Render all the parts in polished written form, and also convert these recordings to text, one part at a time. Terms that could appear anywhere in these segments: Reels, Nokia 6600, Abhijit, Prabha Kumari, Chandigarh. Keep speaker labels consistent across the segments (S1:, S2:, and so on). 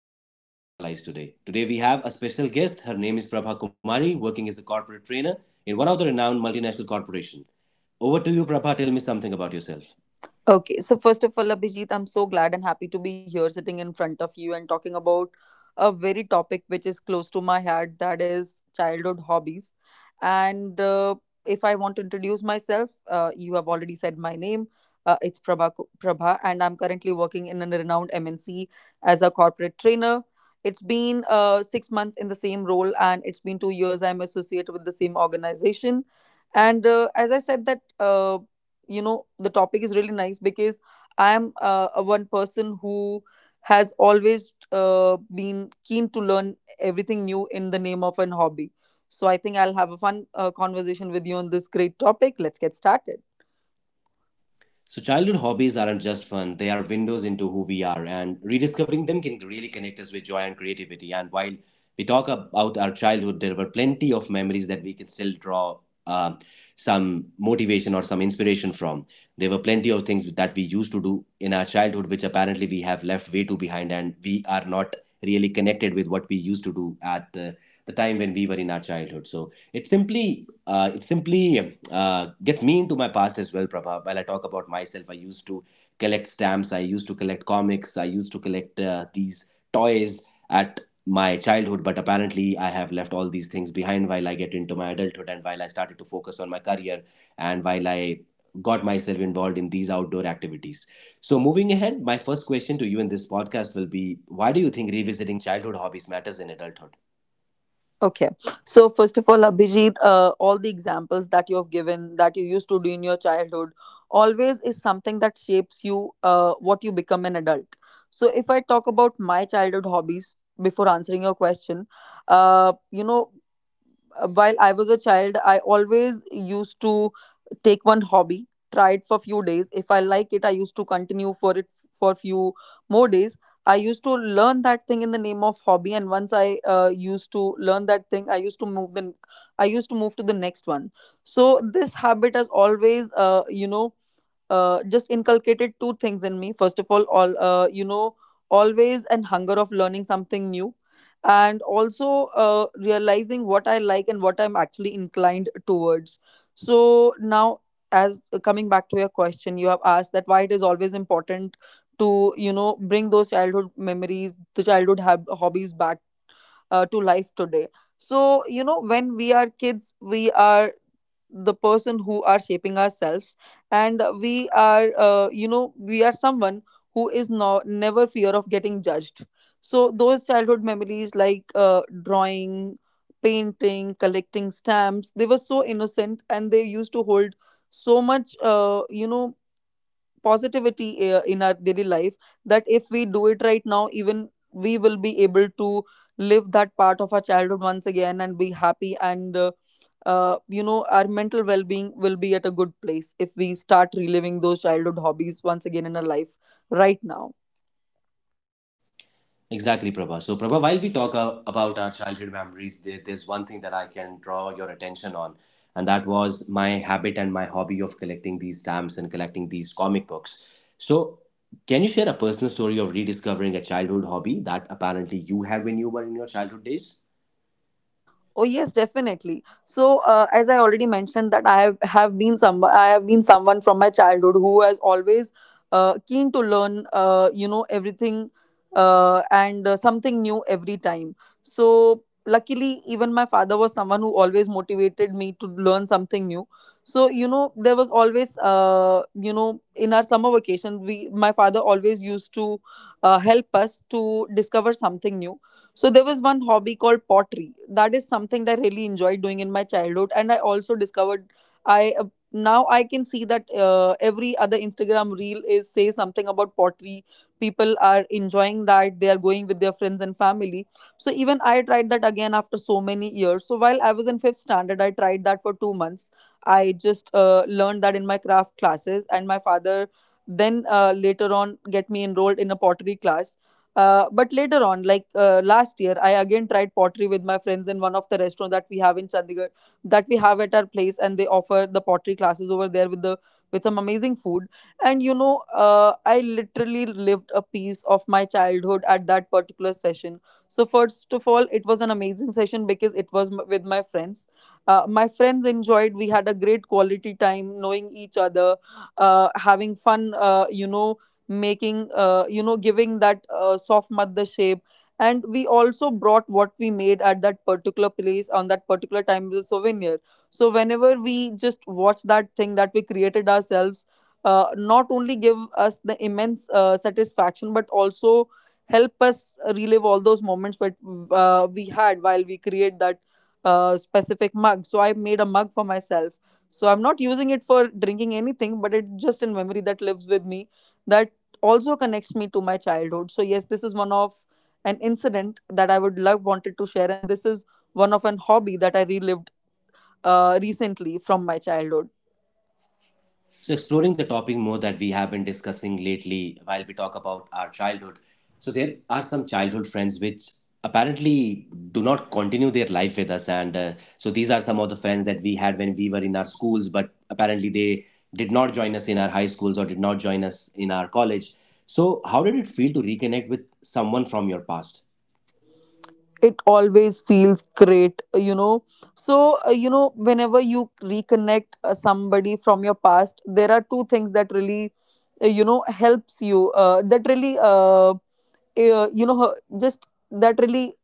S1: that can still shape our lives today. Today, we have a special guest. Her name is Prabha Kumari, working as a corporate trainer in one of the renowned multinational corporations. Over to you, Prabha. Tell me something about yourself.
S2: Okay, so first of all, Abhijit, I'm so glad and happy to be here sitting in front of you and talking about a very topic which is close to my heart, that is childhood hobbies. And If I want to introduce myself, you have already said my name. It's Prabha, and I'm currently working in a renowned MNC as a corporate trainer. It's been 6 months in the same role, and it's been 2 years I'm associated with the same organization. And as I said, that. You know the topic is really nice because I am a one person who has always been keen to learn everything new in the name of an hobby, so I think I'll have a fun conversation with you on this great topic. Let's get started.
S1: So, childhood hobbies aren't just fun, they are windows into who we are, and rediscovering them can really connect us with joy and creativity. And while we talk about our childhood, there were plenty of memories that we can still draw um some motivation or some inspiration from. There were plenty of things that we used to do in our childhood, which apparently we have left way too behind, and we are not really connected with what we used to do at the time when we were in our childhood. So, it's simply it simply gets me into my past as well, Prabha. While I talk about myself, I used to collect stamps, I used to collect comics, I used to collect these toys at my childhood, but apparently I have left all these things behind while I get into my adulthood and while I started to focus on my career and while I got myself involved in these outdoor activities. So, moving ahead, my first question to you in this podcast will be why do you think revisiting childhood hobbies matters in adulthood?
S2: Okay. So first of all, Abhijit, all the examples that you have given that you used to do in your childhood always is something that shapes you, what you become an adult. So if I talk about my childhood hobbies before answering your question, uh, you know, while I was a child, I always used to take one hobby, try it for few days. If I like it, I used to continue for it for few more days. I used to learn that thing in the name of hobby, and once I used to learn that thing, I used to move to the next one. So this habit has always just inculcated two things in me. First of all, always and hunger of learning something new, and also realizing what I like and what I'm actually inclined towards. So now, as coming back to your question, you have asked that why it is always important to, you know, bring those childhood memories, the childhood hobbies back to life today. So you know, when we are kids, we are the person who are shaping ourselves, and we are, you know, we are someone who is no, never fear of getting judged. So those childhood memories like drawing, painting, collecting stamps, they were so innocent and they used to hold so much, you know, positivity in our daily life, that if we do it right now, even we will be able to live that part of our childhood once again and be happy. And you know, our mental well-being will be at a good place if we start reliving those childhood hobbies once again in our life right now.
S1: Exactly, Prabha. So, Prabha, while we talk about our childhood memories, there's one thing that I can draw your attention on, and that was my habit and my hobby of collecting these stamps and collecting these comic books. So, can you share a personal story of rediscovering a childhood hobby that apparently you had when you were in your childhood days?
S2: Oh yes, definitely. So as I already mentioned that I have been someone from my childhood who has always keen to learn, you know, everything and something new every time. So luckily even my father was someone who always motivated me to learn something new. So you know, there was always in our summer vacation, we my father always used to help us to discover something new. So there was one hobby called pottery. That is something that I really enjoyed doing in my childhood, and I also discovered, I now I can see that every other Instagram reel is say something about pottery. People are enjoying that. They are going with their friends and family. So even I tried that again after so many years. So while I was in fifth standard, I tried that for 2 months. I just learned that in my craft classes, and my father then later on get me enrolled in a pottery class. But later on, like last year, I again tried pottery with my friends in one of the restaurants that we have in Chandigarh, that we have at our place, and they offer the pottery classes over there with the with some amazing food. And you know, I literally lived a piece of my childhood at that particular session. So first of all, it was an amazing session because it was with my friends. My friends enjoyed. We had a great quality time, knowing each other, having fun. You know, making, you know, giving that soft mud shape. And we also brought what we made at that particular place on that particular time as a souvenir. So whenever we just watch that thing that we created ourselves, not only give us the immense satisfaction, but also help us relive all those moments that we had while we create that specific mug. So I made a mug for myself. So I'm not using it for drinking anything, but it's just a memory that lives with me, that also connects me to my childhood. So yes, this is one of an incident that I would love wanted to share, and this is one of an hobby that I relived recently from my childhood.
S1: So, exploring the topic more that we have been discussing lately while we talk about our childhood. So, there are some childhood friends which apparently do not continue their life with us. And so, these are some of the friends that we had when we were in our schools, but apparently they did not join us in our high schools or did not join us in our college. So, how did it feel to reconnect with someone from your past?
S2: It always feels great, you know. So you know, whenever you reconnect somebody from your past, there are two things that really, you know, helps you. That really, you know, just that really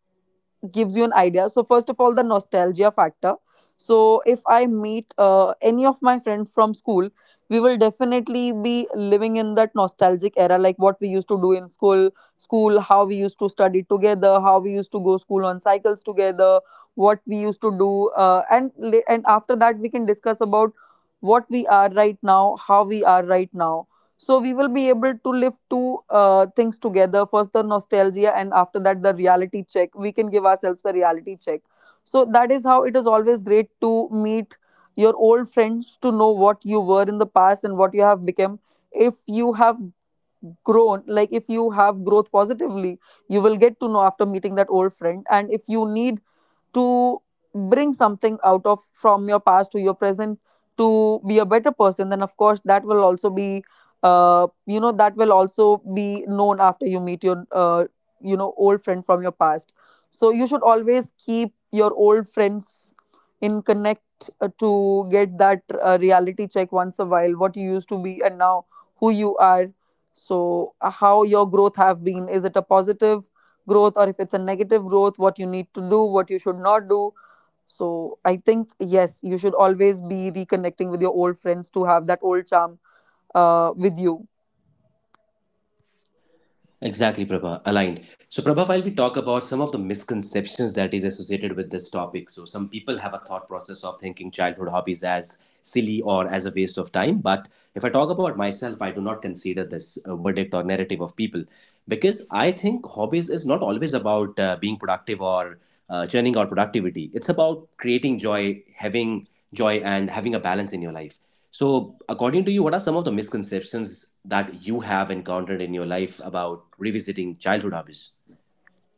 S2: gives you an idea. So first of all, the nostalgia factor. So if I meet any of my friends from school, we will definitely be living in that nostalgic era, like what we used to do in school, how we used to study together, how we used to go school on cycles together, what we used to do, and after that we can discuss about what we are right now, how we are right now. So we will be able to live two things together, first the nostalgia and after that the reality check. We can give ourselves the reality check. So that is how it is always great to meet your old friends, to know what you were in the past and what you have become. If you have grown, like if you have growth positively, you will get to know after meeting that old friend. And if you need to bring something out of from your past to your present to be a better person, then of course that will also be, you know, that will also be known after you meet your, you know, old friend from your past. So you should always keep your old friends in connect, to get that reality check once a while, what you used to be and now who you are. So how your growth have been, is it a positive growth, or if it's a negative growth, what you need to do, what you should not do. So I think yes, you should always be reconnecting with your old friends to have that old charm with you.
S1: Exactly, Prabha, aligned. So, Prabha, while we talk about some of the misconceptions that is associated with this topic, so some people have a thought process of thinking childhood hobbies as silly or as a waste of time. But if I talk about myself, I do not consider this a verdict or narrative of people because I think hobbies is not always about being productive or churning out productivity. It's about creating joy, having joy, and having a balance in your life. So, according to you, what are some of the misconceptions that you have encountered in your life about revisiting childhood hobbies?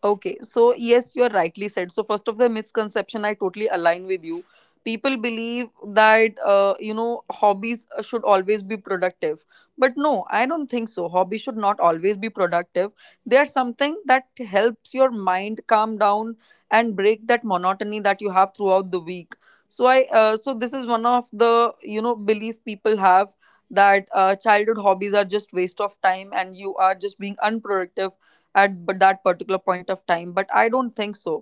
S2: Okay, so yes, you are rightly said. So first of the misconception, I totally align with you. People believe that, you know, hobbies should always be productive, but no, I don't think so. Hobbies should not always be productive. They are something that helps your mind calm down and break that monotony that you have throughout the week. So so this is one of the, you know, belief people have that childhood hobbies are just waste of time and you are just being unproductive at that particular point of time, but I don't think so.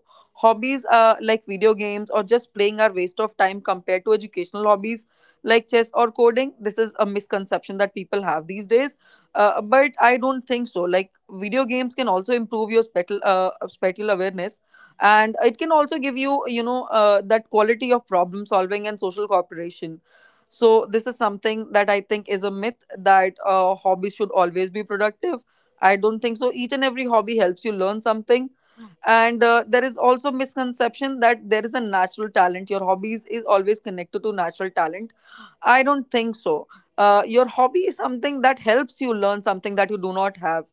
S2: Hobbies like video games or just playing are waste of time compared to educational hobbies like chess or coding. This is a misconception that people have these days, but I don't think so. Like video games can also improve your spatial awareness, and it can also give you, you know, that quality of problem solving and social cooperation. So this is something that I think is a myth, that hobbies should always be productive. I don't think so. Each and every hobby helps you learn something. And there is also misconception that there is a natural talent. Your hobbies is always connected to natural talent. I don't think so. Your hobby is something that helps you learn something that you do not have,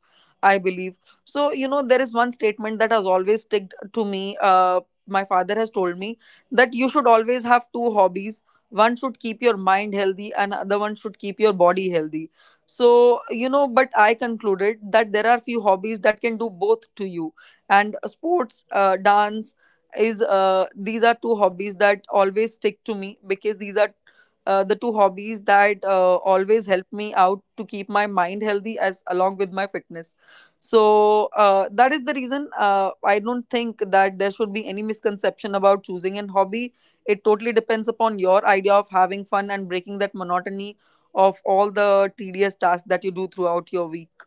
S2: I believe. So, you know, there is one statement that has always sticked to me. My father has told me that you should always have two hobbies. One should keep your mind healthy, and other one should keep your body healthy. So, you know, but I concluded that there are few hobbies that can do both to you. And sports, dance, is these are two hobbies that always stick to me because these are the two hobbies that always help me out to keep my mind healthy as along with my fitness. So that is the reason I don't think that there should be any misconception about choosing an hobby. It totally depends upon your idea of having fun and breaking that monotony of all the tedious tasks that you do throughout your week.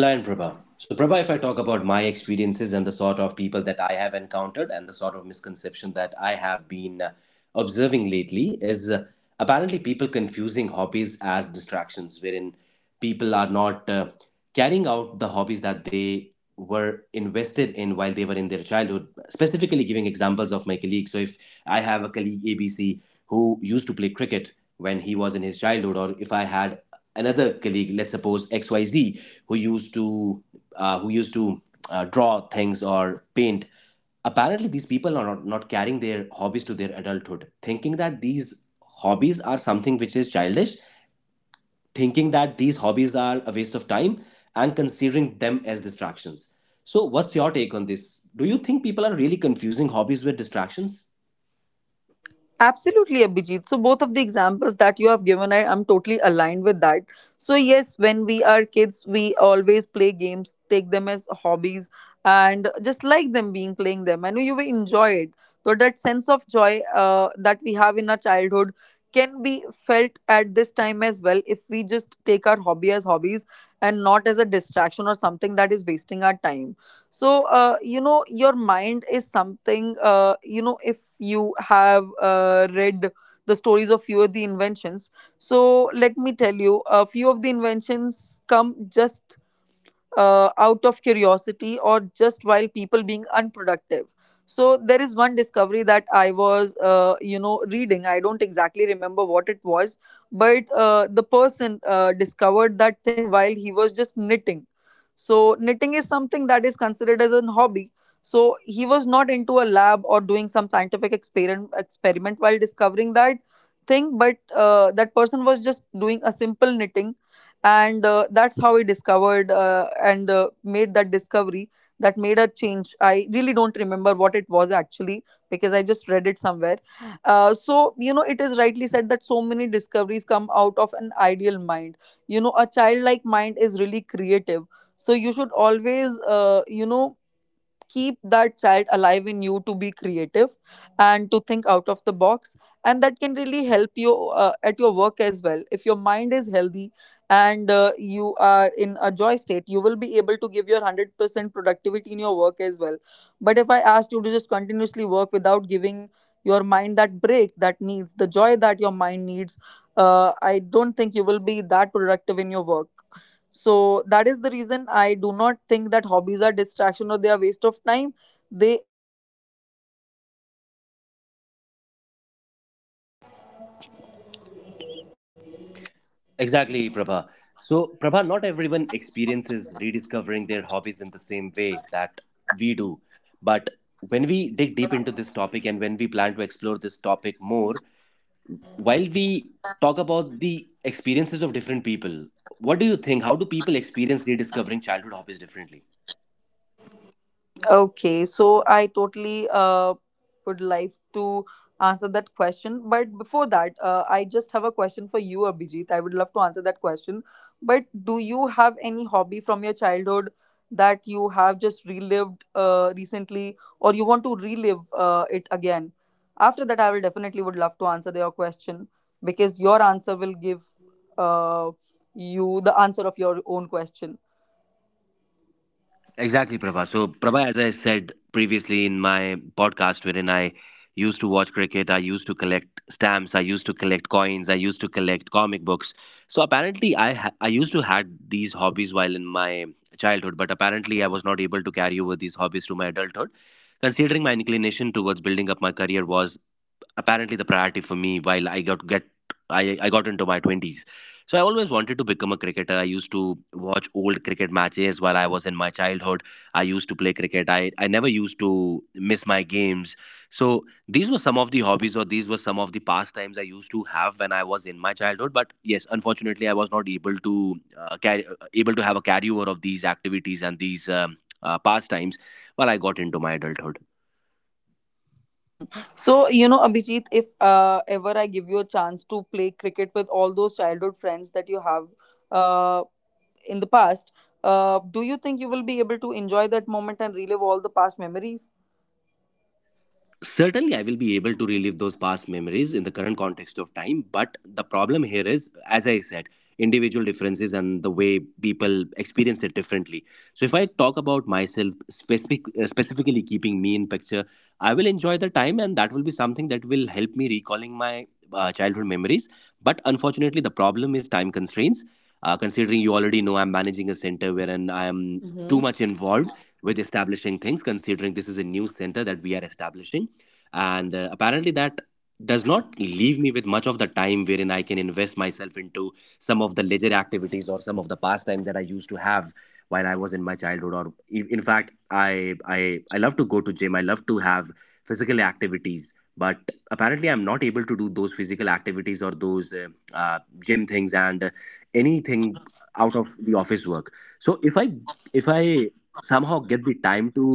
S1: Align Prabha. So, Prabha, if I talk about my experiences and the sort of people that I have encountered and the sort of misconception that I have been observing lately, is apparently people confusing hobbies as distractions, wherein people are not carrying out the hobbies that they were invested in while they were in their childhood. Specifically, giving examples of my colleagues. So, if I have a colleague ABC who used to play cricket when he was in his childhood, or if I had another colleague, let's suppose XYZ, who used to uh, who used to draw things or paint. Apparently, these people are not carrying their hobbies to their adulthood, thinking that these hobbies are something which is childish, thinking that these hobbies are a waste of time, and considering them as distractions. So, what's your take on this? Do you think people are really confusing hobbies with distractions?
S2: Absolutely, Abhijit. So, both of the examples that you have given, I am totally aligned with that. So, yes, when we are kids, we always play games, take them as hobbies, and just like them being playing them. I know you will enjoy it. So, that sense of joy that we have in our childhood can be felt at this time as well if we just take our hobby as hobbies and not as a distraction or something that is wasting our time. So your mind is something, if you have read the stories of few of the inventions. So let me tell you a few of the inventions come just out of curiosity or just while people being unproductive. So there is one discovery that I was reading. I don't exactly remember what it was, but the person discovered that thing while he was just knitting. So knitting is something that is considered as a hobby. So he was not into a lab or doing some scientific experiment while discovering that thing, but that person was just doing a simple knitting, and that's how I discovered and made that discovery that made a change. I really don't remember what it was actually, because I just read it somewhere. So it is rightly said that so many discoveries come out of an ideal mind. You know, a childlike mind is really creative. So you should always, keep that child alive in you to be creative and to think out of the box. And that can really help you at your work as well. If your mind is healthy and you are in a joy state, you will be able to give your 100% productivity in your work as well. But if I asked you to just continuously work without giving your mind that break, that needs the joy that your mind needs, I don't think you will be that productive in your work. So that is the reason I do not think that hobbies are distraction or they are waste of time. They—
S1: Exactly, Prabha. So, Prabha, not everyone experiences rediscovering their hobbies in the same way that we do. But when we dig deep into this topic and when we plan to explore this topic more, while we talk about the experiences of different people, what do you think? How do people experience rediscovering childhood hobbies differently?
S3: Okay, so I totally would like to answer that question. But before that, I just have a question for you, Abhijit. I would love to answer that question. But do you have any hobby from your childhood that you have just relived recently, or you want to relive it again? After that, I will definitely would love to answer your question because your answer will give uh, you the answer of your own question.
S1: Exactly, Prabha. So, Prabha, as I said previously in my podcast, wherein I used to watch cricket, I used to collect stamps, I used to collect coins, I used to collect comic books. So, apparently, I used to had these hobbies while in my childhood, but apparently, I was not able to carry over these hobbies to my adulthood. Considering my inclination towards building up my career was apparently the priority for me while I got into my 20s. So I always wanted to become a cricketer. I used to watch old cricket matches while I was in my childhood. I used to play cricket. I never used to miss my games. So these were some of the hobbies or these were some of the pastimes I used to have when I was in my childhood. But yes, unfortunately, I was not able to able to have a carryover of these activities and these pastimes while I got into my adulthood.
S3: Mhm. So, you know, Abhijit, if ever I give you a chance to play cricket with all those childhood friends that you have uh, in the past, do you think you will be able to enjoy that moment and relive all the past memories?
S1: Certainly, I will be able to relive those past memories in the current context of time. But the problem here is, as I said, individual differences and the way people experience it differently. So, if I talk about myself specifically keeping me in picture, I will enjoy the time, and that will be something that will help me recalling my childhood memories. But unfortunately, the problem is time constraints. Considering you already know, I'm managing a center wherein I am
S3: Hmm.
S1: too much involved with establishing things. Considering this is a new center that we are establishing and apparently that does not leave me with much of the time wherein I can invest myself into some of the leisure activities or some of the pastimes that I used to have while I was in my childhood or if- in fact I love to go to gym, I love to have physical activities, but apparently I'm not able to do those physical activities or those uh, gym things and anything out of the office work. So if I somehow get the time to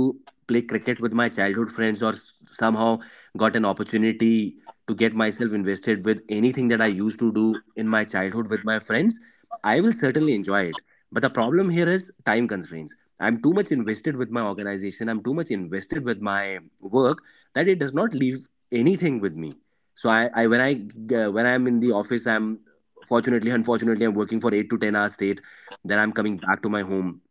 S1: play cricket with my childhood friends somehow got an opportunity to get myself invested with anything that I used to do in my childhood with my friends, I will certainly enjoy it. But the problem here is time constraints. I'm too much invested with my organization, I'm too much invested with my work that it does not leave anything with me. So I when I'm in the office, I'm unfortunately, I'm working for 8 to 10 hours straight. Then I'm coming back to my home,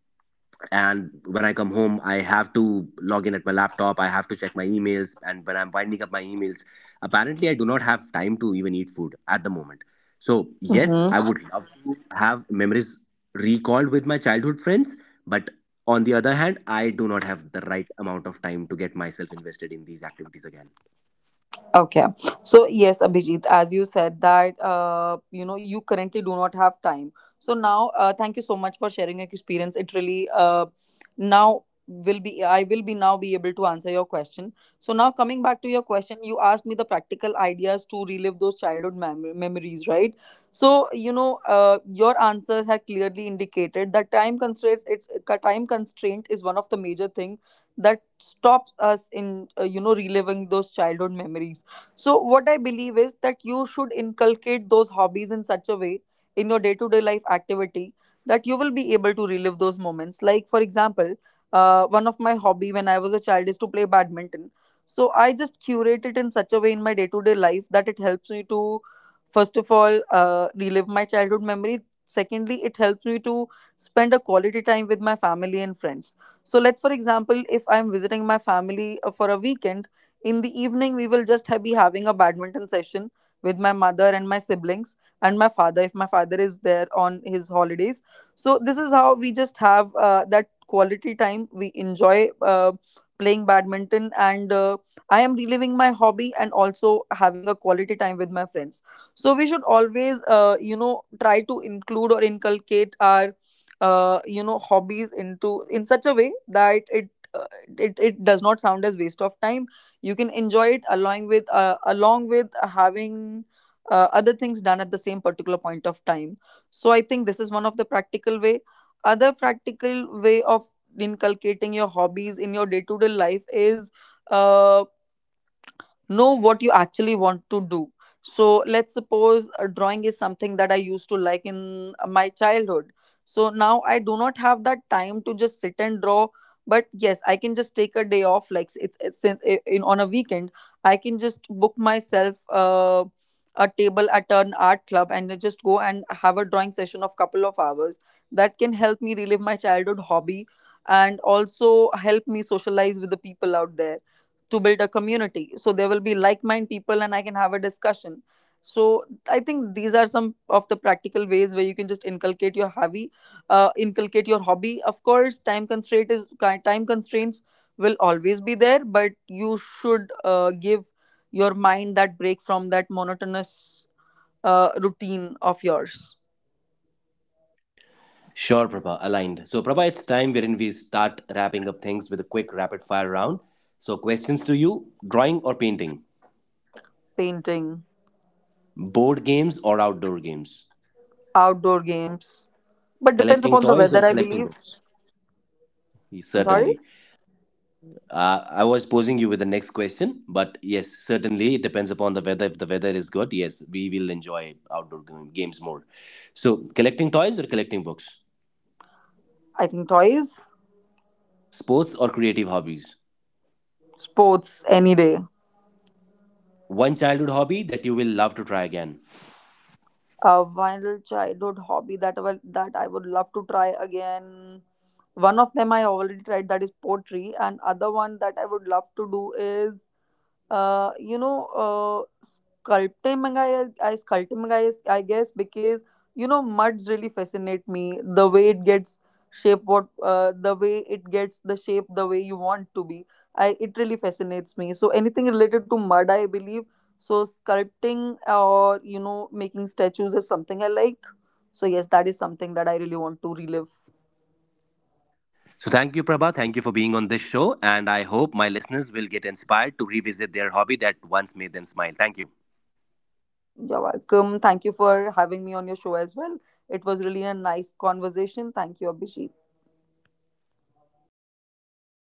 S1: and when I come home, I have to log in at my laptop, I have to check my emails, and when I'm winding up my emails, apparently I do not have time to even eat food at the moment. So yes, I
S3: Mm-hmm.
S1: would love to have memories recalled with my childhood friends, but on the other hand, I do not have the right amount of time to get myself invested in these activities again.
S2: Okay. So yes, Abhijit, as you said that, you currently do not have time. So now, thank you so much for sharing your experience. It really now will be— I will be now be able to answer your question. So now coming back to your question, you asked me the practical ideas to relive those childhood memories, right? So you know, your answers have clearly indicated that time constraint is one of the major thing that stops us in, reliving those childhood memories. So, what I believe is that you should inculcate those hobbies in such a way in your day to day life activity that you will be able to relive those moments. Like, for example, one of my hobby when I was a child is to play badminton. So, I just curate it in such a way in my day to day life that it helps me to, first of all, relive my childhood memory. Secondly, it helps me to spend a quality time with my family and friends. So, let's, for example, if I'm visiting my family for a weekend in the evening, we will just be having a badminton session with my mother and my siblings and my father, if my father is there on his holidays. So this is how we just have that quality time. We enjoy playing badminton, and I am reliving my hobby and also having a quality time with my friends. So we should always, try to include or inculcate our, hobbies into in such a way that it uh, it does not sound as waste of time. You can enjoy it along with, along with having other things done at the same particular point of time. So I think this is one of the practical way. Other practical way of inculcating your hobbies in your day to day life is, uh, know what you actually want to do. So let's suppose drawing is something that I used to like in my childhood. So now I do not have that time to just sit and draw, but yes, I can just take a day off. Like it's in on a weekend, I can just book myself a table at an art club and then just go and have a drawing session of couple of hours. That can help me relive my childhood hobby and also help me socialize with the people out there to build a community. So there will be like minded people and I can have a discussion. So I think these are some of the practical ways where you can just inculcate your hobby, inculcate your hobby. Of course, time constraints will always be there, but you should give your mind that break from that monotonous routine of yours.
S1: Sure, Prabha, aligned. So, Prabha, it's time wherein we start wrapping up things with a quick rapid fire round. So, questions to you: drawing or painting?
S2: Painting,
S1: Board games or outdoor games?
S2: outdoor games, but depends
S1: Collecting
S2: upon the
S1: toys or
S2: weather, I
S1: collecting
S2: believe.
S1: books?
S2: I'm sorry.
S1: Certainly. I was posing you with the next question, but yes, certainly it depends upon the weather. If the weather is good, yes, we will enjoy games more. So, collecting toys or collecting books?
S2: I think toys,
S1: Sports or creative hobbies?
S2: sports any day.
S1: One childhood hobby that you will love to try again.
S2: A vinyl childhood hobby that I would love to try again. One of them I already tried, that is pottery, and other one that I would love to do is, uh, you know, uh, sculpting mangai. I Sculpting mangai, is— I guess, because you know, muds really fascinate me. The way it gets shape, what the way it gets the shape, the way you want to be. I It really fascinates me. So anything related to mud, I believe. So sculpting, or you know, making statues is something I like. So yes, that is something that I really want to relive.
S1: So, thank you, Prabha. Thank you for being on this show. And I hope my listeners will get inspired to revisit their hobby that once made them smile. Thank you.
S2: You're welcome. Thank you for having me on your show as well. It was really a nice conversation. Thank you, Abhishek.